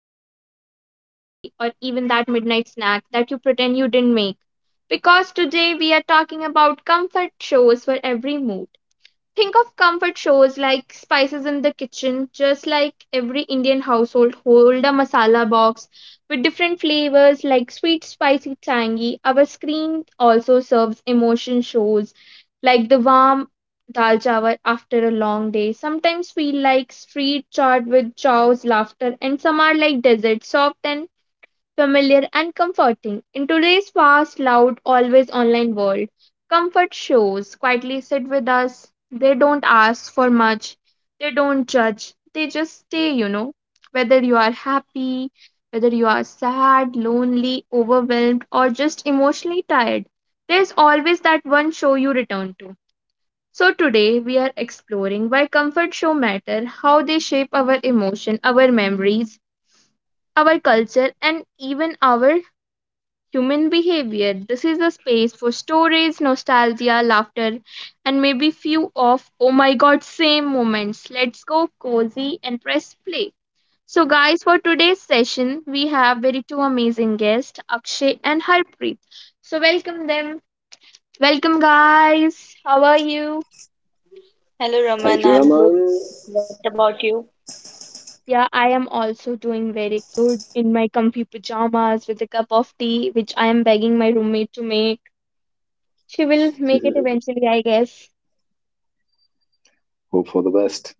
your chai, your coffee, or even that midnight snack that you pretend you didn't make. Because today we are talking about comfort shows for every mood. Think of comfort shows like Spices in the Kitchen, just like every Indian household, hold a masala box with different flavors like sweet, spicy, tangy. Our screen also serves emotion shows like the warm dal chawal after a long day. Sometimes feel like street chaat with chows, laughter, and some are like dessert, soft and familiar, and comforting. In today's fast, loud, always online world, comfort shows quietly sit with us. They don't ask for much, they don't judge, they just stay. Whether you are happy, whether you are sad, lonely, overwhelmed, or just emotionally tired, there's always that one show you return to. So today we are exploring why comfort show matter, how they shape our emotion, our memories, our culture and even our human behavior. This is a space for storage, nostalgia, laughter, and maybe few of oh my god, same moments. Let's go cozy and press play. So, guys, for today's session, we have very two amazing guests, Akshay and Harpreet. So, welcome them. Welcome, guys. How are you? Thank you, hello Raman, Raman. I am good, what about you? Yeah, I am also doing very good in my comfy pajamas with a cup of tea, which I am begging my roommate to make. She will make it eventually, I guess. Hope for the best.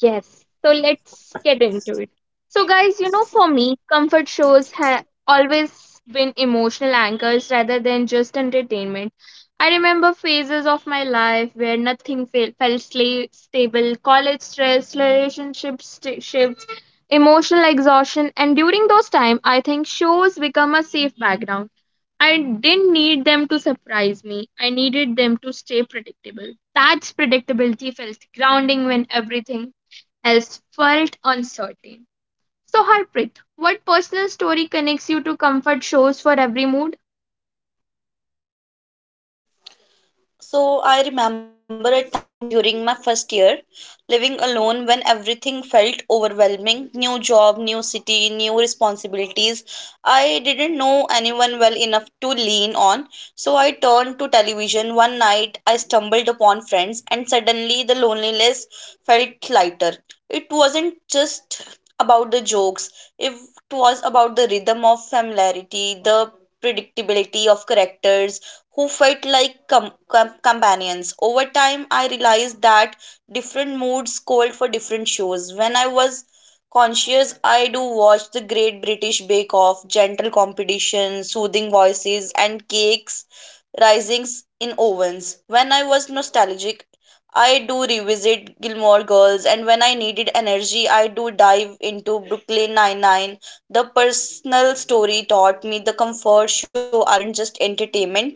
Yes. So let's get into it. So, guys, for me, comfort shows have always been emotional anchors rather than just entertainment. I remember phases of my life where nothing fe- felt stable college stress, relationship shifts, emotional exhaustion. And during those times, I think shows become a safe background. I didn't need them to surprise me. I needed them to stay predictable. That's predictability felt grounding when everything else felt uncertain. So, Harpreet, what personal story connects you to comfort shows for every mood? So I remember a time during my first year living alone when everything felt overwhelming: new job, new city, new responsibilities. I didn't know anyone well enough to lean on, so I turned to television. One night I stumbled upon Friends, and suddenly the loneliness felt lighter. It wasn't just about the jokes, it was about the rhythm of familiarity, the predictability of characters who felt like companions. Over time, I realized that different moods called for different shows. When I was conscious, I do watch The Great British Bake Off, gentle competition, soothing voices, and cakes risings in ovens. When I was nostalgic, I do revisit Gilmore Girls, and when I needed energy, I do dive into Brooklyn Nine-Nine. The personal story taught me the comfort show aren't just entertainment,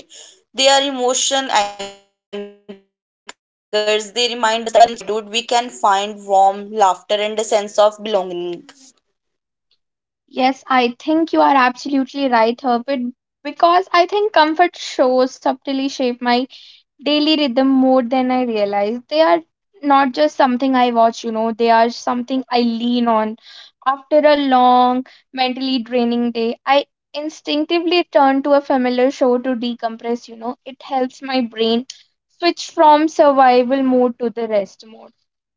their emotion anchors, they remind us that even in solitude, we can find warmth, laughter, and a sense of belonging. Yes, I think you are absolutely right, Herbert, because I think comfort shows subtly shape my daily rhythm more than I realize. They are not just something I watch, they are something I lean on. After a long, mentally draining day, I instinctively turn to a familiar show to decompress. It helps my brain switch from survival mode to the rest mode.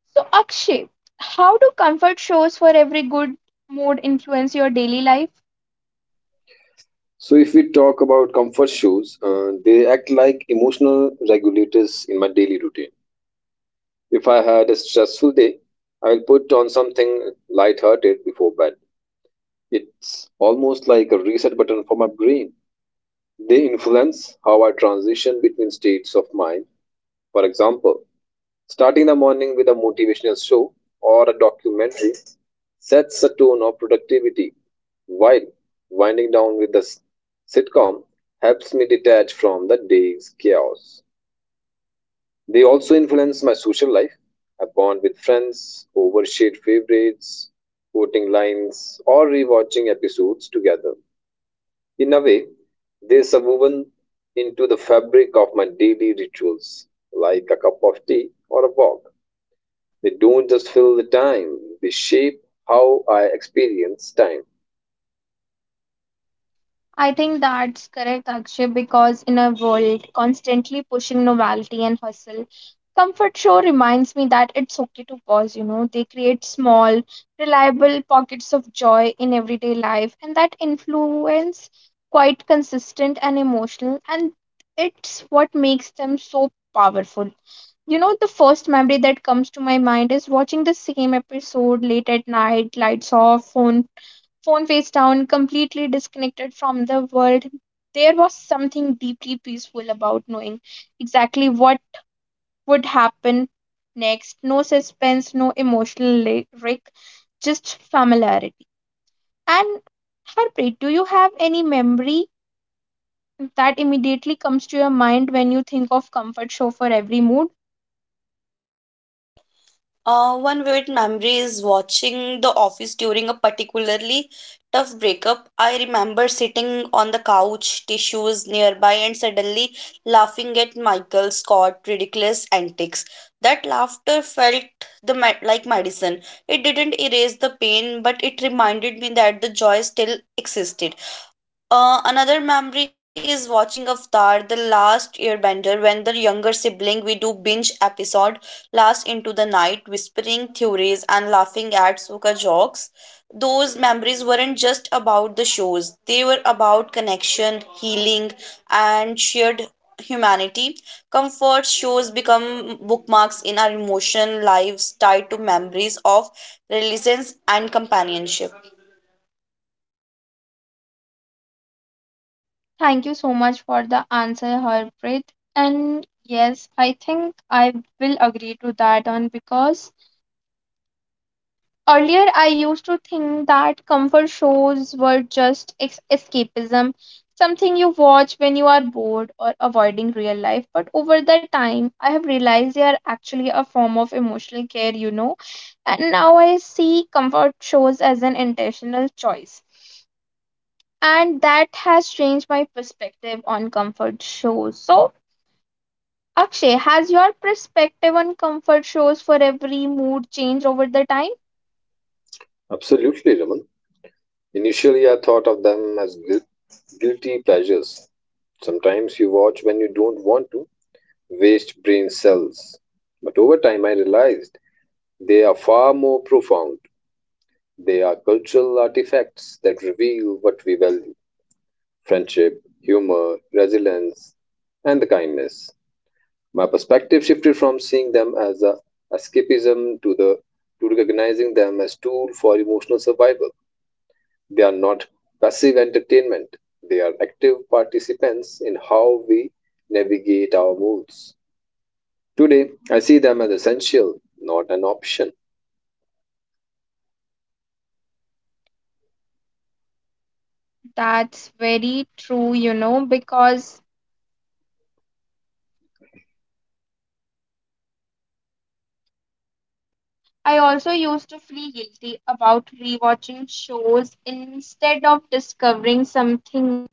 So, Akshay, how do comfort shows for every good mood influence your daily life? So, if we talk about comfort shoes, they act like emotional regulators in my daily routine. If I had a stressful day, I'll put on something light-hearted before bed. It's almost like a reset button for my brain. They influence how I transition between states of mind. For example, starting the morning with a motivational show or a documentary sets the tone of productivity, while winding down with the sitcom helps me detach from the day's chaos. They also influence my social life. I bond with friends over shared favorites, quoting lines, or rewatching episodes together. In a way, they are woven into the fabric of my daily rituals, like a cup of tea or a walk. They don't just fill the time, they shape how I experience time. I think that's correct, Akshay, because in a world constantly pushing novelty and hustle, Comfort Show reminds me that it's okay to pause. They create small, reliable pockets of joy in everyday life, and that influence quite consistent and emotional, and it's what makes them so powerful. You know, the first memory that comes to my mind is watching the same episode late at night, lights off, phone face down, completely disconnected from the world. There was something deeply peaceful about knowing exactly what would happen next. No suspense, no emotional wreck, just familiarity. And Harpreet, do you have any memory that immediately comes to your mind when you think of comfort show for every mood? One vivid memory is watching The Office during a particularly tough breakup. I remember sitting on the couch, tissues nearby, and suddenly laughing at Michael Scott's ridiculous antics. That laughter felt like medicine. It didn't erase the pain, but it reminded me that the joy still existed. Another memory is watching Avatar: The Last Airbender, when the younger sibling we do binge episode last into the night, whispering theories and laughing at Sokka jokes. Those memories weren't just about the shows, they were about connection, healing, and shared humanity. Comfort shows become bookmarks in our emotion lives tied to memories of resilience and companionship. Thank you so much for the answer, Harpreet. And yes, I think I will agree to that on because earlier, I used to think that comfort shows were just escapism, something you watch when you are bored or avoiding real life. But over the time, I have realized they are actually a form of emotional care. And now I see comfort shows as an intentional choice. And that has changed my perspective on comfort shows. So, Akshay, has your perspective on comfort shows for every mood changed over the time? Absolutely, Raman. Initially, I thought of them as guilty pleasures. Sometimes you watch when you don't want to, waste brain cells. But over time, I realized they are far more profound. They are cultural artifacts that reveal what we value: friendship, humor, resilience, and the kindness. My perspective shifted from seeing them as a escapism to the to recognizing them as tool for emotional survival. They are not passive entertainment. They are active participants in how we navigate our moods. Today, I see them as essential, not an option. That's very true, because I also used to feel guilty about rewatching shows instead of discovering something.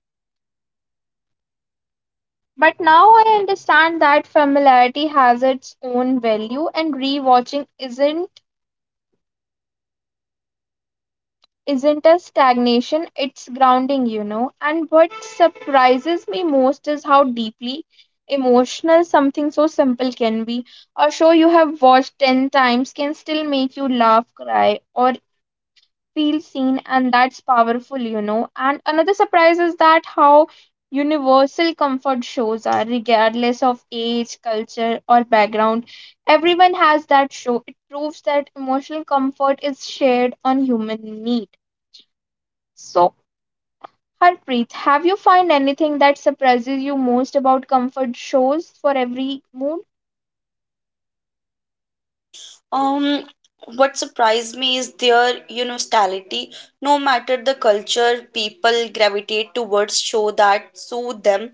But now I understand that familiarity has its own value and rewatching isn't a stagnation, it's grounding. And what surprises me most is how deeply emotional something so simple can be. A show you have watched 10 times can still make you laugh, cry, or feel seen and that's powerful, you know, and another surprise is that how universal comfort shows are, regardless of age, culture, or background, everyone has that show. It proves that emotional comfort is shared on human need. So, Harpreet, have you found anything that surprises you most about comfort shows for every mood? um what surprised me is their universality. No matter the culture, people gravitate towards show that soothe them.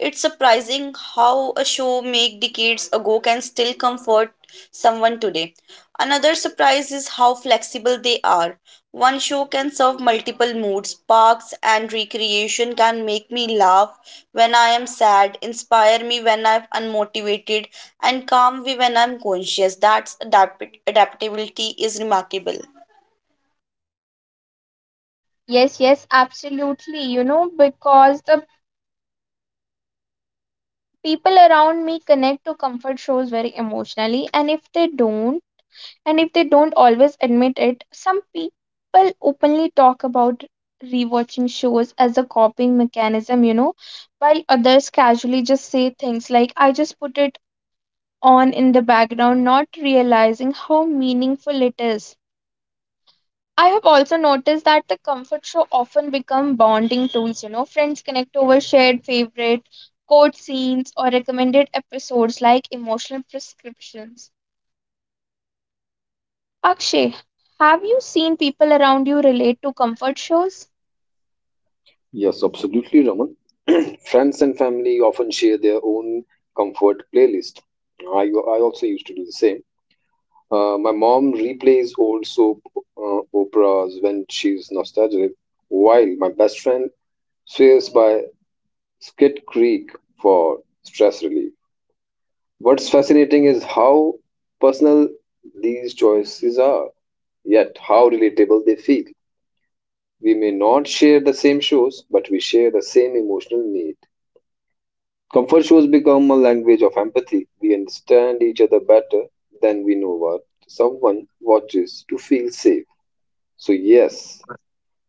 It's surprising how a show made decades ago can still comfort someone today. Another surprise is how flexible they are. One show can serve multiple moods. Parks and Recreation can make me laugh when I am sad, inspire me when I'm unmotivated, and calm me when I'm conscious. That's adaptability is remarkable. Yes, yes, absolutely. You know, because the people around me connect to comfort shows very emotionally, and if they don't, and if they don't always admit it, some people openly talk about rewatching shows as a coping mechanism, while others casually just say things like, I just put it on in the background, not realizing how meaningful it is. I have also noticed that the comfort show often become bonding tools, friends connect over shared favorite quote scenes or recommended episodes like emotional prescriptions. Akshay, have you seen people around you relate to comfort shows? Yes, absolutely, Raman. Friends and family often share their own comfort playlist. I, I also used to do the same. My mom replays old soap operas when she's nostalgic, while my best friend swears by Skid Creek for stress relief. What's fascinating is how personal these choices are, yet how relatable they feel. We may not share the same shows, but we share the same emotional need. Comfort shows become a language of empathy. We understand each other better than we know what someone watches to feel safe. So, yes,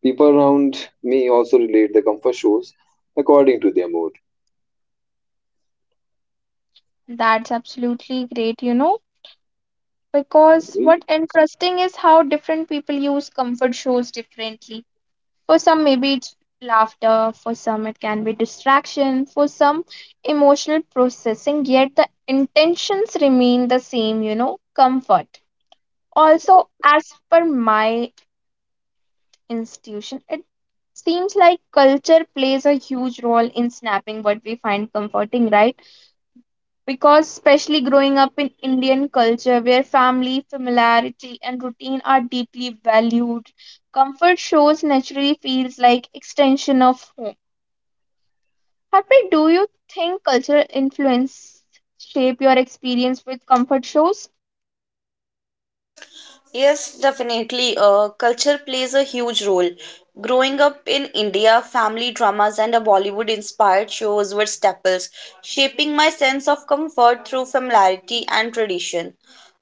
people around me also relate their comfort shows according to their mood. That's absolutely great, you know, because Agreed. what interesting is how different people use comfort shows differently. For some, maybe it's laughter, for some, it can be distraction, for some, emotional processing, yet the intentions remain the same, you know, comfort. Also, as per my institution, it seems like culture plays a huge role in snapping what we find comforting, right? Because especially growing up in Indian culture where family, familiarity and routine are deeply valued, comfort shows naturally feels like extension of home. Harpreet, do you think cultural influence shape your experience with comfort shows? Yes, definitely. Culture plays a huge role. Growing up in India, family dramas and a Bollywood inspired shows were staples, shaping my sense of comfort through familiarity and tradition.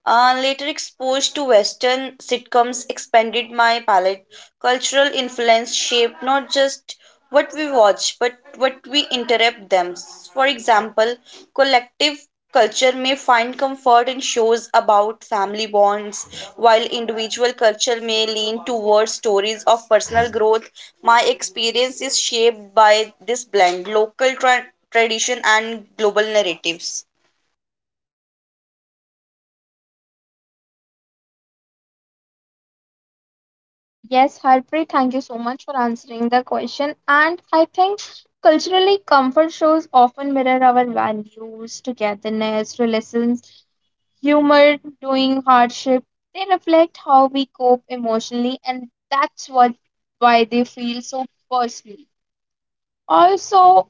Later exposed to Western sitcoms expanded my palette. Cultural influence shaped not just what we watch, but what we interrupt them. For example, collective culture may find comfort in shows about family bonds, while individual culture may lean towards stories of personal growth. My experience is shaped by this blend: local tradition and global narratives. Yes, Harpreet, thank you so much for answering the question. And I think culturally comfort shows often mirror our values, togetherness, relations humor, doing hardship. They reflect how we cope emotionally, and that's what why they feel so personal. Also,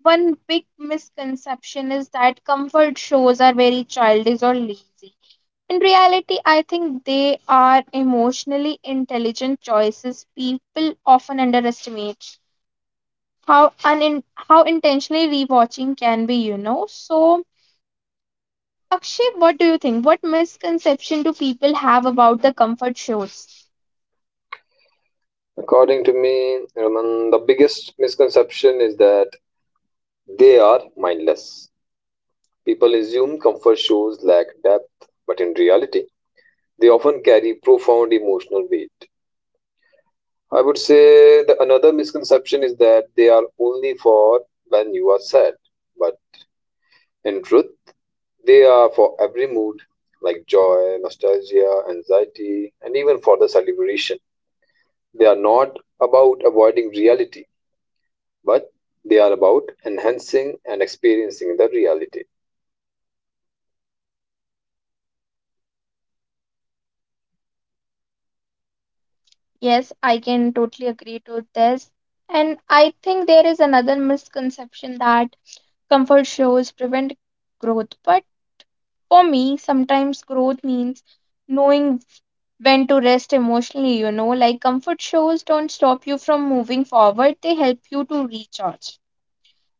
one big misconception is that comfort shows are very childish or lazy. In reality, I think they are emotionally intelligent choices people often underestimate. How intentionally rewatching can be, you know. So Akshay, what do you think? What misconception do people have about the comfort shows? According to me, Raman, the biggest misconception is that they are mindless. People assume comfort shows lack depth, but in reality, they often carry profound emotional weight. I would say the another misconception is that they are only for when you are sad, but in truth, they are for every mood like joy, nostalgia, anxiety, and even for the celebration. They are not about avoiding reality, but they are about enhancing and experiencing the reality. Yes, I can totally agree to this. And I think there is another misconception that comfort shows prevent growth. But for me, sometimes growth means knowing when to rest emotionally, you know, like comfort shows don't stop you from moving forward, they help you to recharge.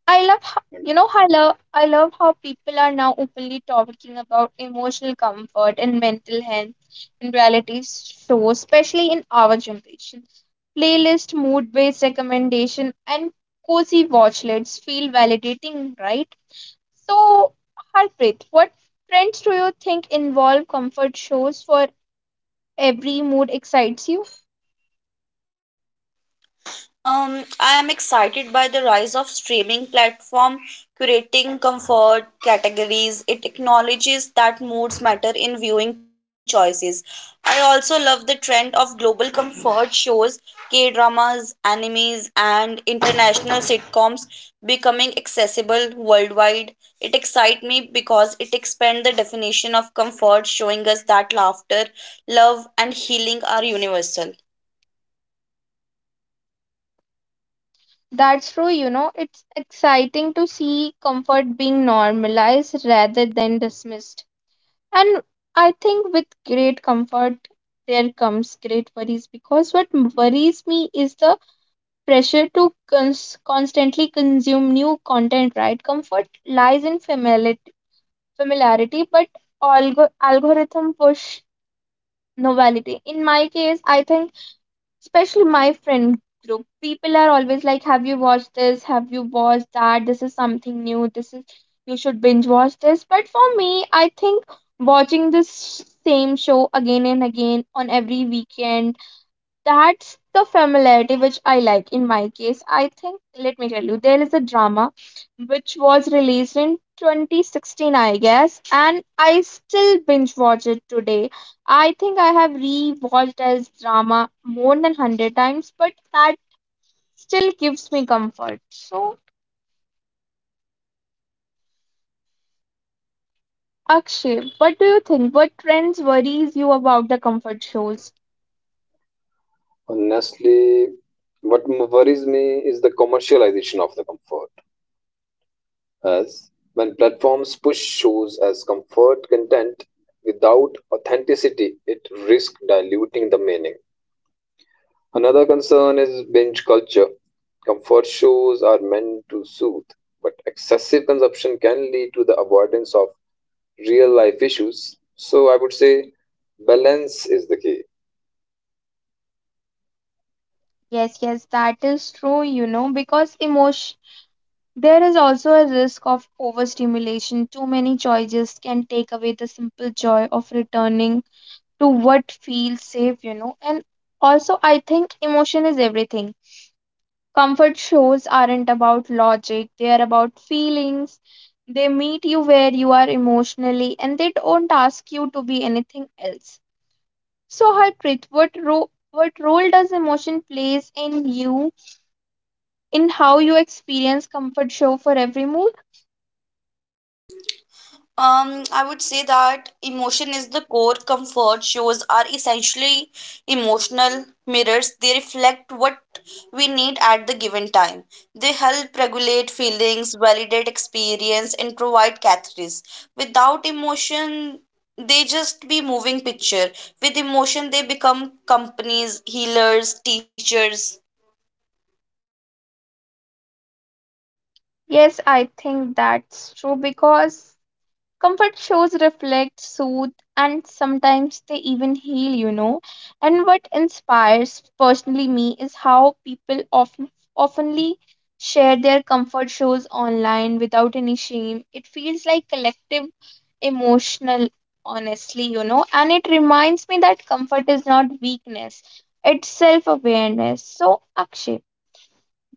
You know, I love how people are now openly talking about emotional comfort and mental health in reality shows, especially in our generation. Playlist, mood based recommendation, and cozy watch lists feel validating, right? So, Harpreet, what trends do you think involve comfort shows for every mood excites you? I am excited by the rise of streaming platform curating comfort categories. It acknowledges that moods matter in viewing choices. I also love the trend of global comfort shows, K dramas, animes, and international sitcoms becoming accessible worldwide. It excites me because it expands the definition of comfort, showing us that laughter, love, and healing are universal. That's true, you know, it's exciting to see comfort being normalized rather than dismissed. And I think with great comfort, there comes great worries because what worries me is the pressure to constantly consume new content, right? Comfort lies in familiarity, familiarity but algorithm push novelty. In my case, I think especially my friend group people are always like, have you watched this, have you watched that, this is something new, this is you should binge watch this, but for me I think watching this same show again and again on every weekend, that's the familiarity which I like. In my case, I think, let me tell you, there is a drama which was released in 2016, I guess, and I still binge watch it today. I think I have re-watched as drama more than 100 times, but that still gives me comfort. So, Akshay, what do you think? What trends worries you about the comfort shows? Honestly, what worries me is the commercialization of the comfort. As when platforms push shows as comfort content without authenticity, it risks diluting the meaning. Another concern is binge culture. Comfort shows are meant to soothe, but excessive consumption can lead to the avoidance of real life issues. So I would say balance is the key. Yes, yes, that is true, you know, because emotion there is also a risk of overstimulation. Too many choices can take away the simple joy of returning to what feels safe. And also, I think emotion is everything. Comfort shows aren't about logic, they are about feelings. They meet you where you are emotionally and they don't ask you to be anything else. So, Harpreet, what, what role does emotion plays in you, in how you experience comfort show for every mood? I would say that emotion is the core. Comfort shows are essentially emotional mirrors. They reflect what we need at the given time. They help regulate feelings, validate experience, and provide catharsis. Without emotion, they just be moving picture. With emotion, they become companies, healers, teachers. Yes, I think that's true because comfort shows reflect, soothe, and sometimes they even heal. And what inspires personally me is how people often oftenly share their comfort shows online without any shame. It feels like collective emotional honestly, you know, and it reminds me that comfort is not weakness, it's self awareness. So Akshay.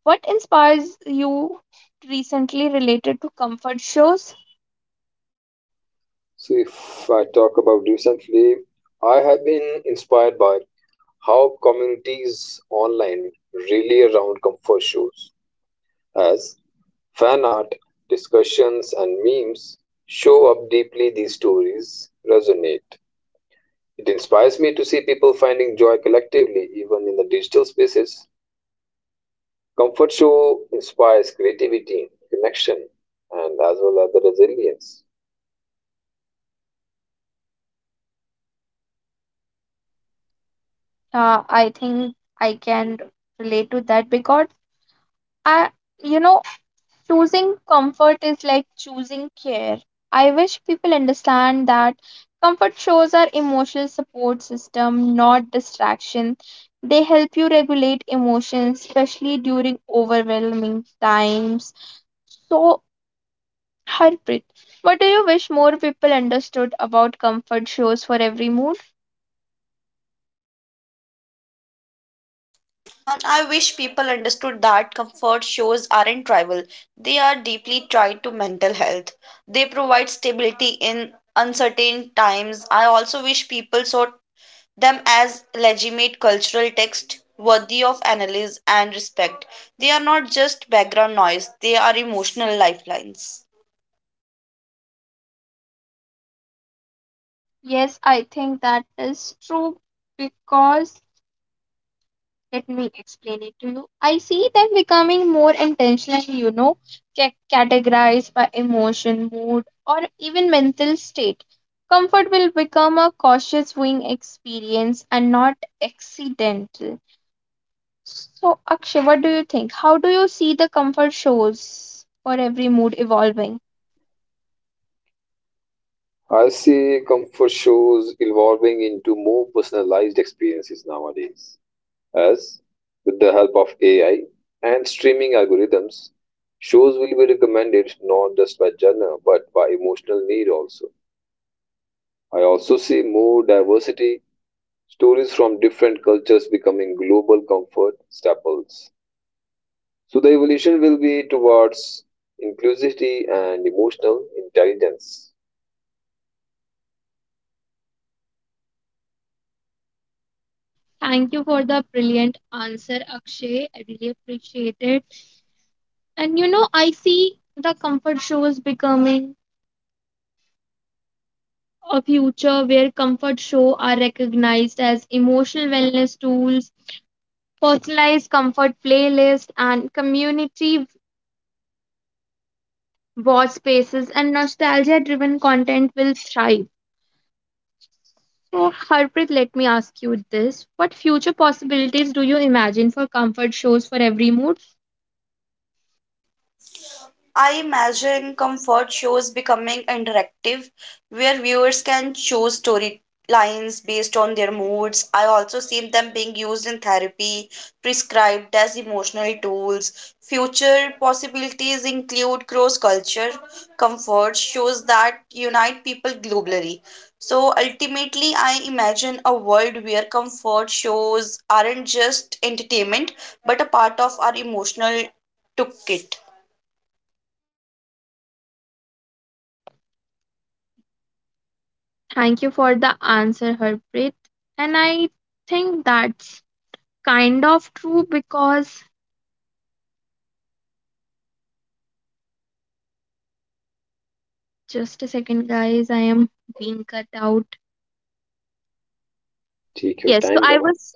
What inspires you recently related to comfort shows? So if I talk about recently, I have been inspired by how communities online really around comfort shows as fan art, discussions, and memes show up deeply these stories resonate. It inspires me to see people finding joy collectively, even in the digital spaces. Comfort show inspires creativity, connection, and as well as the resilience. I think I can relate to that because I, you know, choosing comfort is like choosing care. I wish people understand that comfort shows are emotional support system, not distraction. They help you regulate emotions, especially during overwhelming times. So Harpreet, what do you wish more people understood about comfort shows for every mood? I wish people understood that comfort shows aren't trivial. They are deeply tied to mental health. They provide stability in uncertain times. I also wish people saw them as legitimate cultural text worthy of analysis and respect. They are not just background noise, they are emotional lifelines. Yes, I think that is true because let me explain it to you. I see them becoming more intentional, you know, categorized by emotion, mood, or even mental state. Comfort will become a cautious viewing experience and not accidental. So, Akshay, what do you think? How do you see the comfort shows for every mood evolving? I see comfort shows evolving into more personalized experiences nowadays, as with the help of AI and streaming algorithms, shows will be recommended not just by genre but by emotional need also. I also see more diversity, stories from different cultures becoming global comfort staples. So the evolution will be towards inclusivity and emotional intelligence. Thank you for the brilliant answer, Akshay. I really appreciate it. And you know, I see the comfort shows becoming a future where comfort show are recognized as emotional wellness tools, personalized comfort playlists, and community watch spaces and nostalgia-driven content will thrive. So, Harpreet, let me ask you this. What future possibilities do you imagine for comfort shows for every mood? I imagine comfort shows becoming interactive, where viewers can choose storylines based on their moods. I also see them being used in therapy, prescribed as emotional tools. Future possibilities include cross culture. Comfort shows that unite people globally. So ultimately, I imagine a world where comfort shows aren't just entertainment but a part of our emotional toolkit. Thank you for the answer, Harpreet. And I think that's kind of true because just a second, guys, I am being cut out. Take your Yes, so time, I Raman. was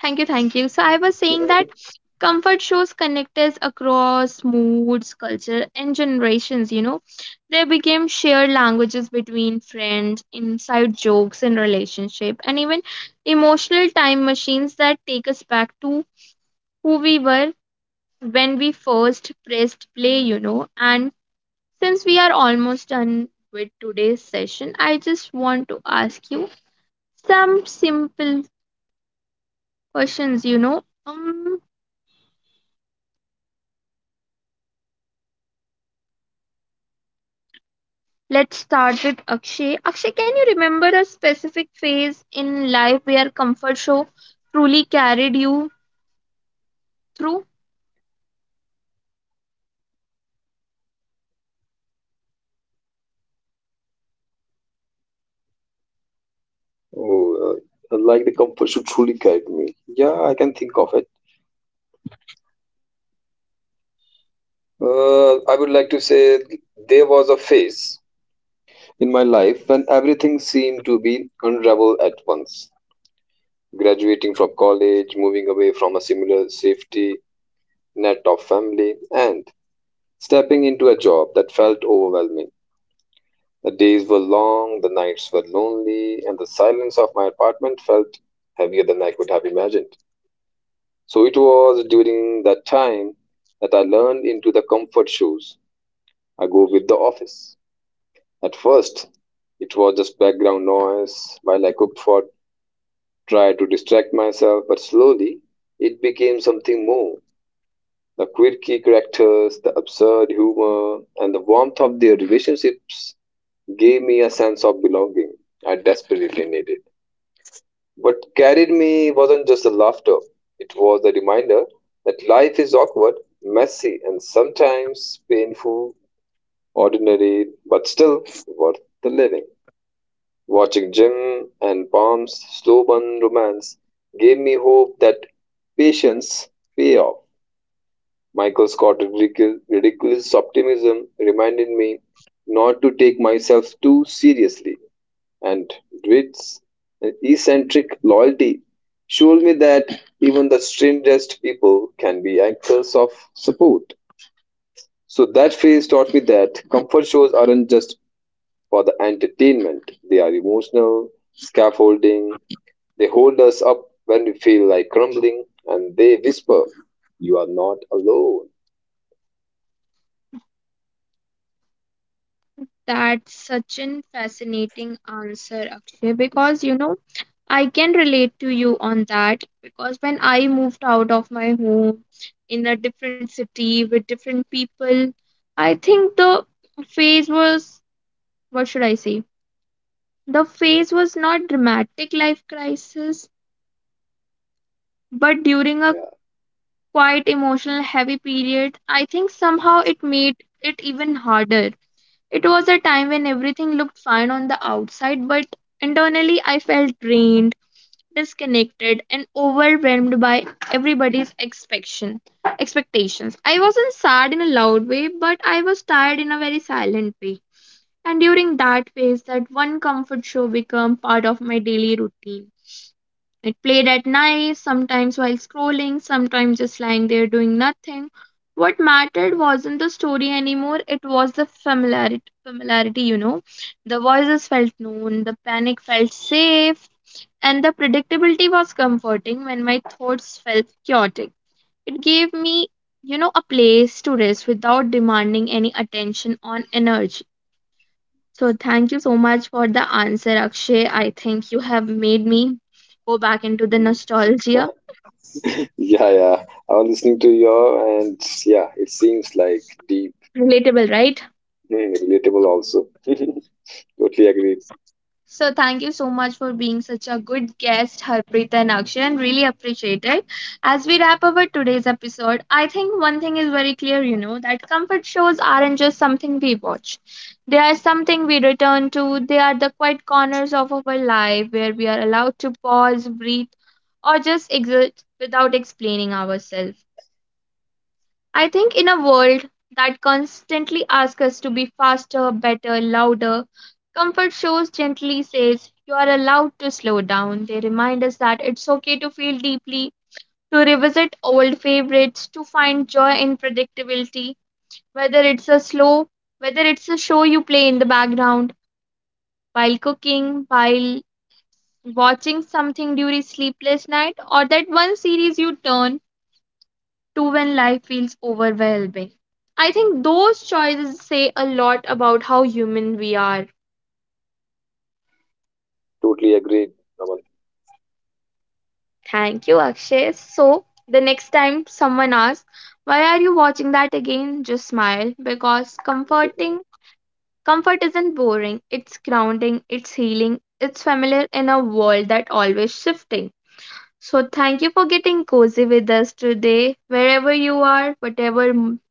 thank you. So I was saying that Mhm. comfort shows connect us across moods, culture, and generations, you know. They became shared languages between friends, inside jokes in relationship, and even emotional time machines that take us back to who we were when we first pressed play, you know. And since we are almost done with today's session, I just want to ask you some simple questions, you know. Let's start with Akshay. Akshay, can you remember a specific phase in life where comfort show truly carried you through? Oh, like the comfort should truly guide me. Yeah, I can think of it. I would like to say there was a phase in my life when everything seemed to be unravel at once. Graduating from college, moving away from a similar safety net of family, and stepping into a job that felt overwhelming. The days were long, the nights were lonely, and the silence of my apartment felt heavier than I could have imagined. So it was during that time that I learned into the comfort shoes I go with the office. At first, it was just background noise while I cooked for, tried to distract myself, but slowly it became something more. The quirky characters, the absurd humor, and the warmth of their relationships gave me a sense of belonging I desperately needed. What carried me wasn't just the laughter, it was the reminder that life is awkward, messy, and sometimes painful, ordinary, but still worth the living. Watching Jim and Pam's slow burn romance gave me hope that patience pay off. Michael Scott's ridiculous optimism reminded me not to take myself too seriously, and Dwight's eccentric loyalty showed me that even the strangest people can be anchors of support. So that phase taught me that comfort shows aren't just for the entertainment, they are emotional, scaffolding, they hold us up when we feel like crumbling, and they whisper, you are not alone. That's such an fascinating answer, Akshay, because you know I can relate to you on that because when I moved out of my home in a different city with different people, I think the phase was, what should I say? The phase was not dramatic life crisis, but during a Yeah. quite emotional heavy period, I think somehow it made it even harder. It was a time when everything looked fine on the outside, but internally I felt drained disconnected and overwhelmed by everybody's expectation expectations. I wasn't sad in a loud way, but I was tired in a very silent way. And during that phase, that one comfort show became part of my daily routine. It played at night, sometimes while scrolling, sometimes just lying there doing nothing. What mattered wasn't the story anymore, it was the familiarity, you know. The voices felt known, the panic felt safe, and the predictability was comforting when my thoughts felt chaotic. It gave me, you know, a place to rest without demanding any attention or energy. So thank you so much for the answer, Akshay. I think you have made me go back into the Mhm. nostalgia. Yeah, yeah, I was listening to your, and yeah, it seems like deep. Relatable, right? Hmm, relatable also. Totally agree. So thank you so much for being such a good guest, Harpreet and Akshay, and really appreciate it. As we wrap up our today's episode, I think one thing is very clear, you know, that comfort shows aren't just something we watch. They are something we return to. They are the quiet corners of our life where we are allowed to pause, breathe, or just exist without explaining ourselves. I think in a world that constantly asks us to be faster, better, louder, comfort shows gently says you are allowed to slow down. They remind us that it's okay to feel deeply, to revisit old favorites, to find joy in predictability, whether it's a slow, whether it's a show you play in the background while cooking, while watching something during sleepless night or that one series you turn to when life feels overwhelming. I think those choices say a lot about how human we are. Totally agreed, Raman. Thank you, Akshay. So, the next time someone asks, why are you watching that again? Just smile because comfort isn't boring, it's grounding, it's healing, it's familiar in a world that always shifting. So, thank you for getting cozy with us today, wherever you are, whatever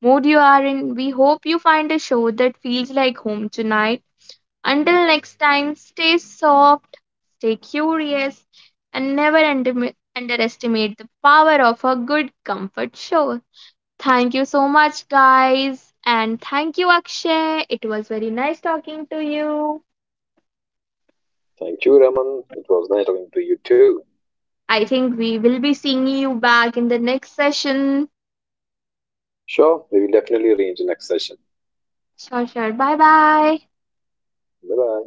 mood you are in. We hope you find a show that feels like home tonight. Until next time, stay soft, stay curious, and never underestimate the power of a good comfort show. Thank you so much, guys. And thank you, Akshay. It was very nice talking to you. Thank you, Raman. It was nice talking to you too. I think we will be seeing you back in the next session. Sure, we will definitely arrange the next session. Sure. Bye bye. Bye bye.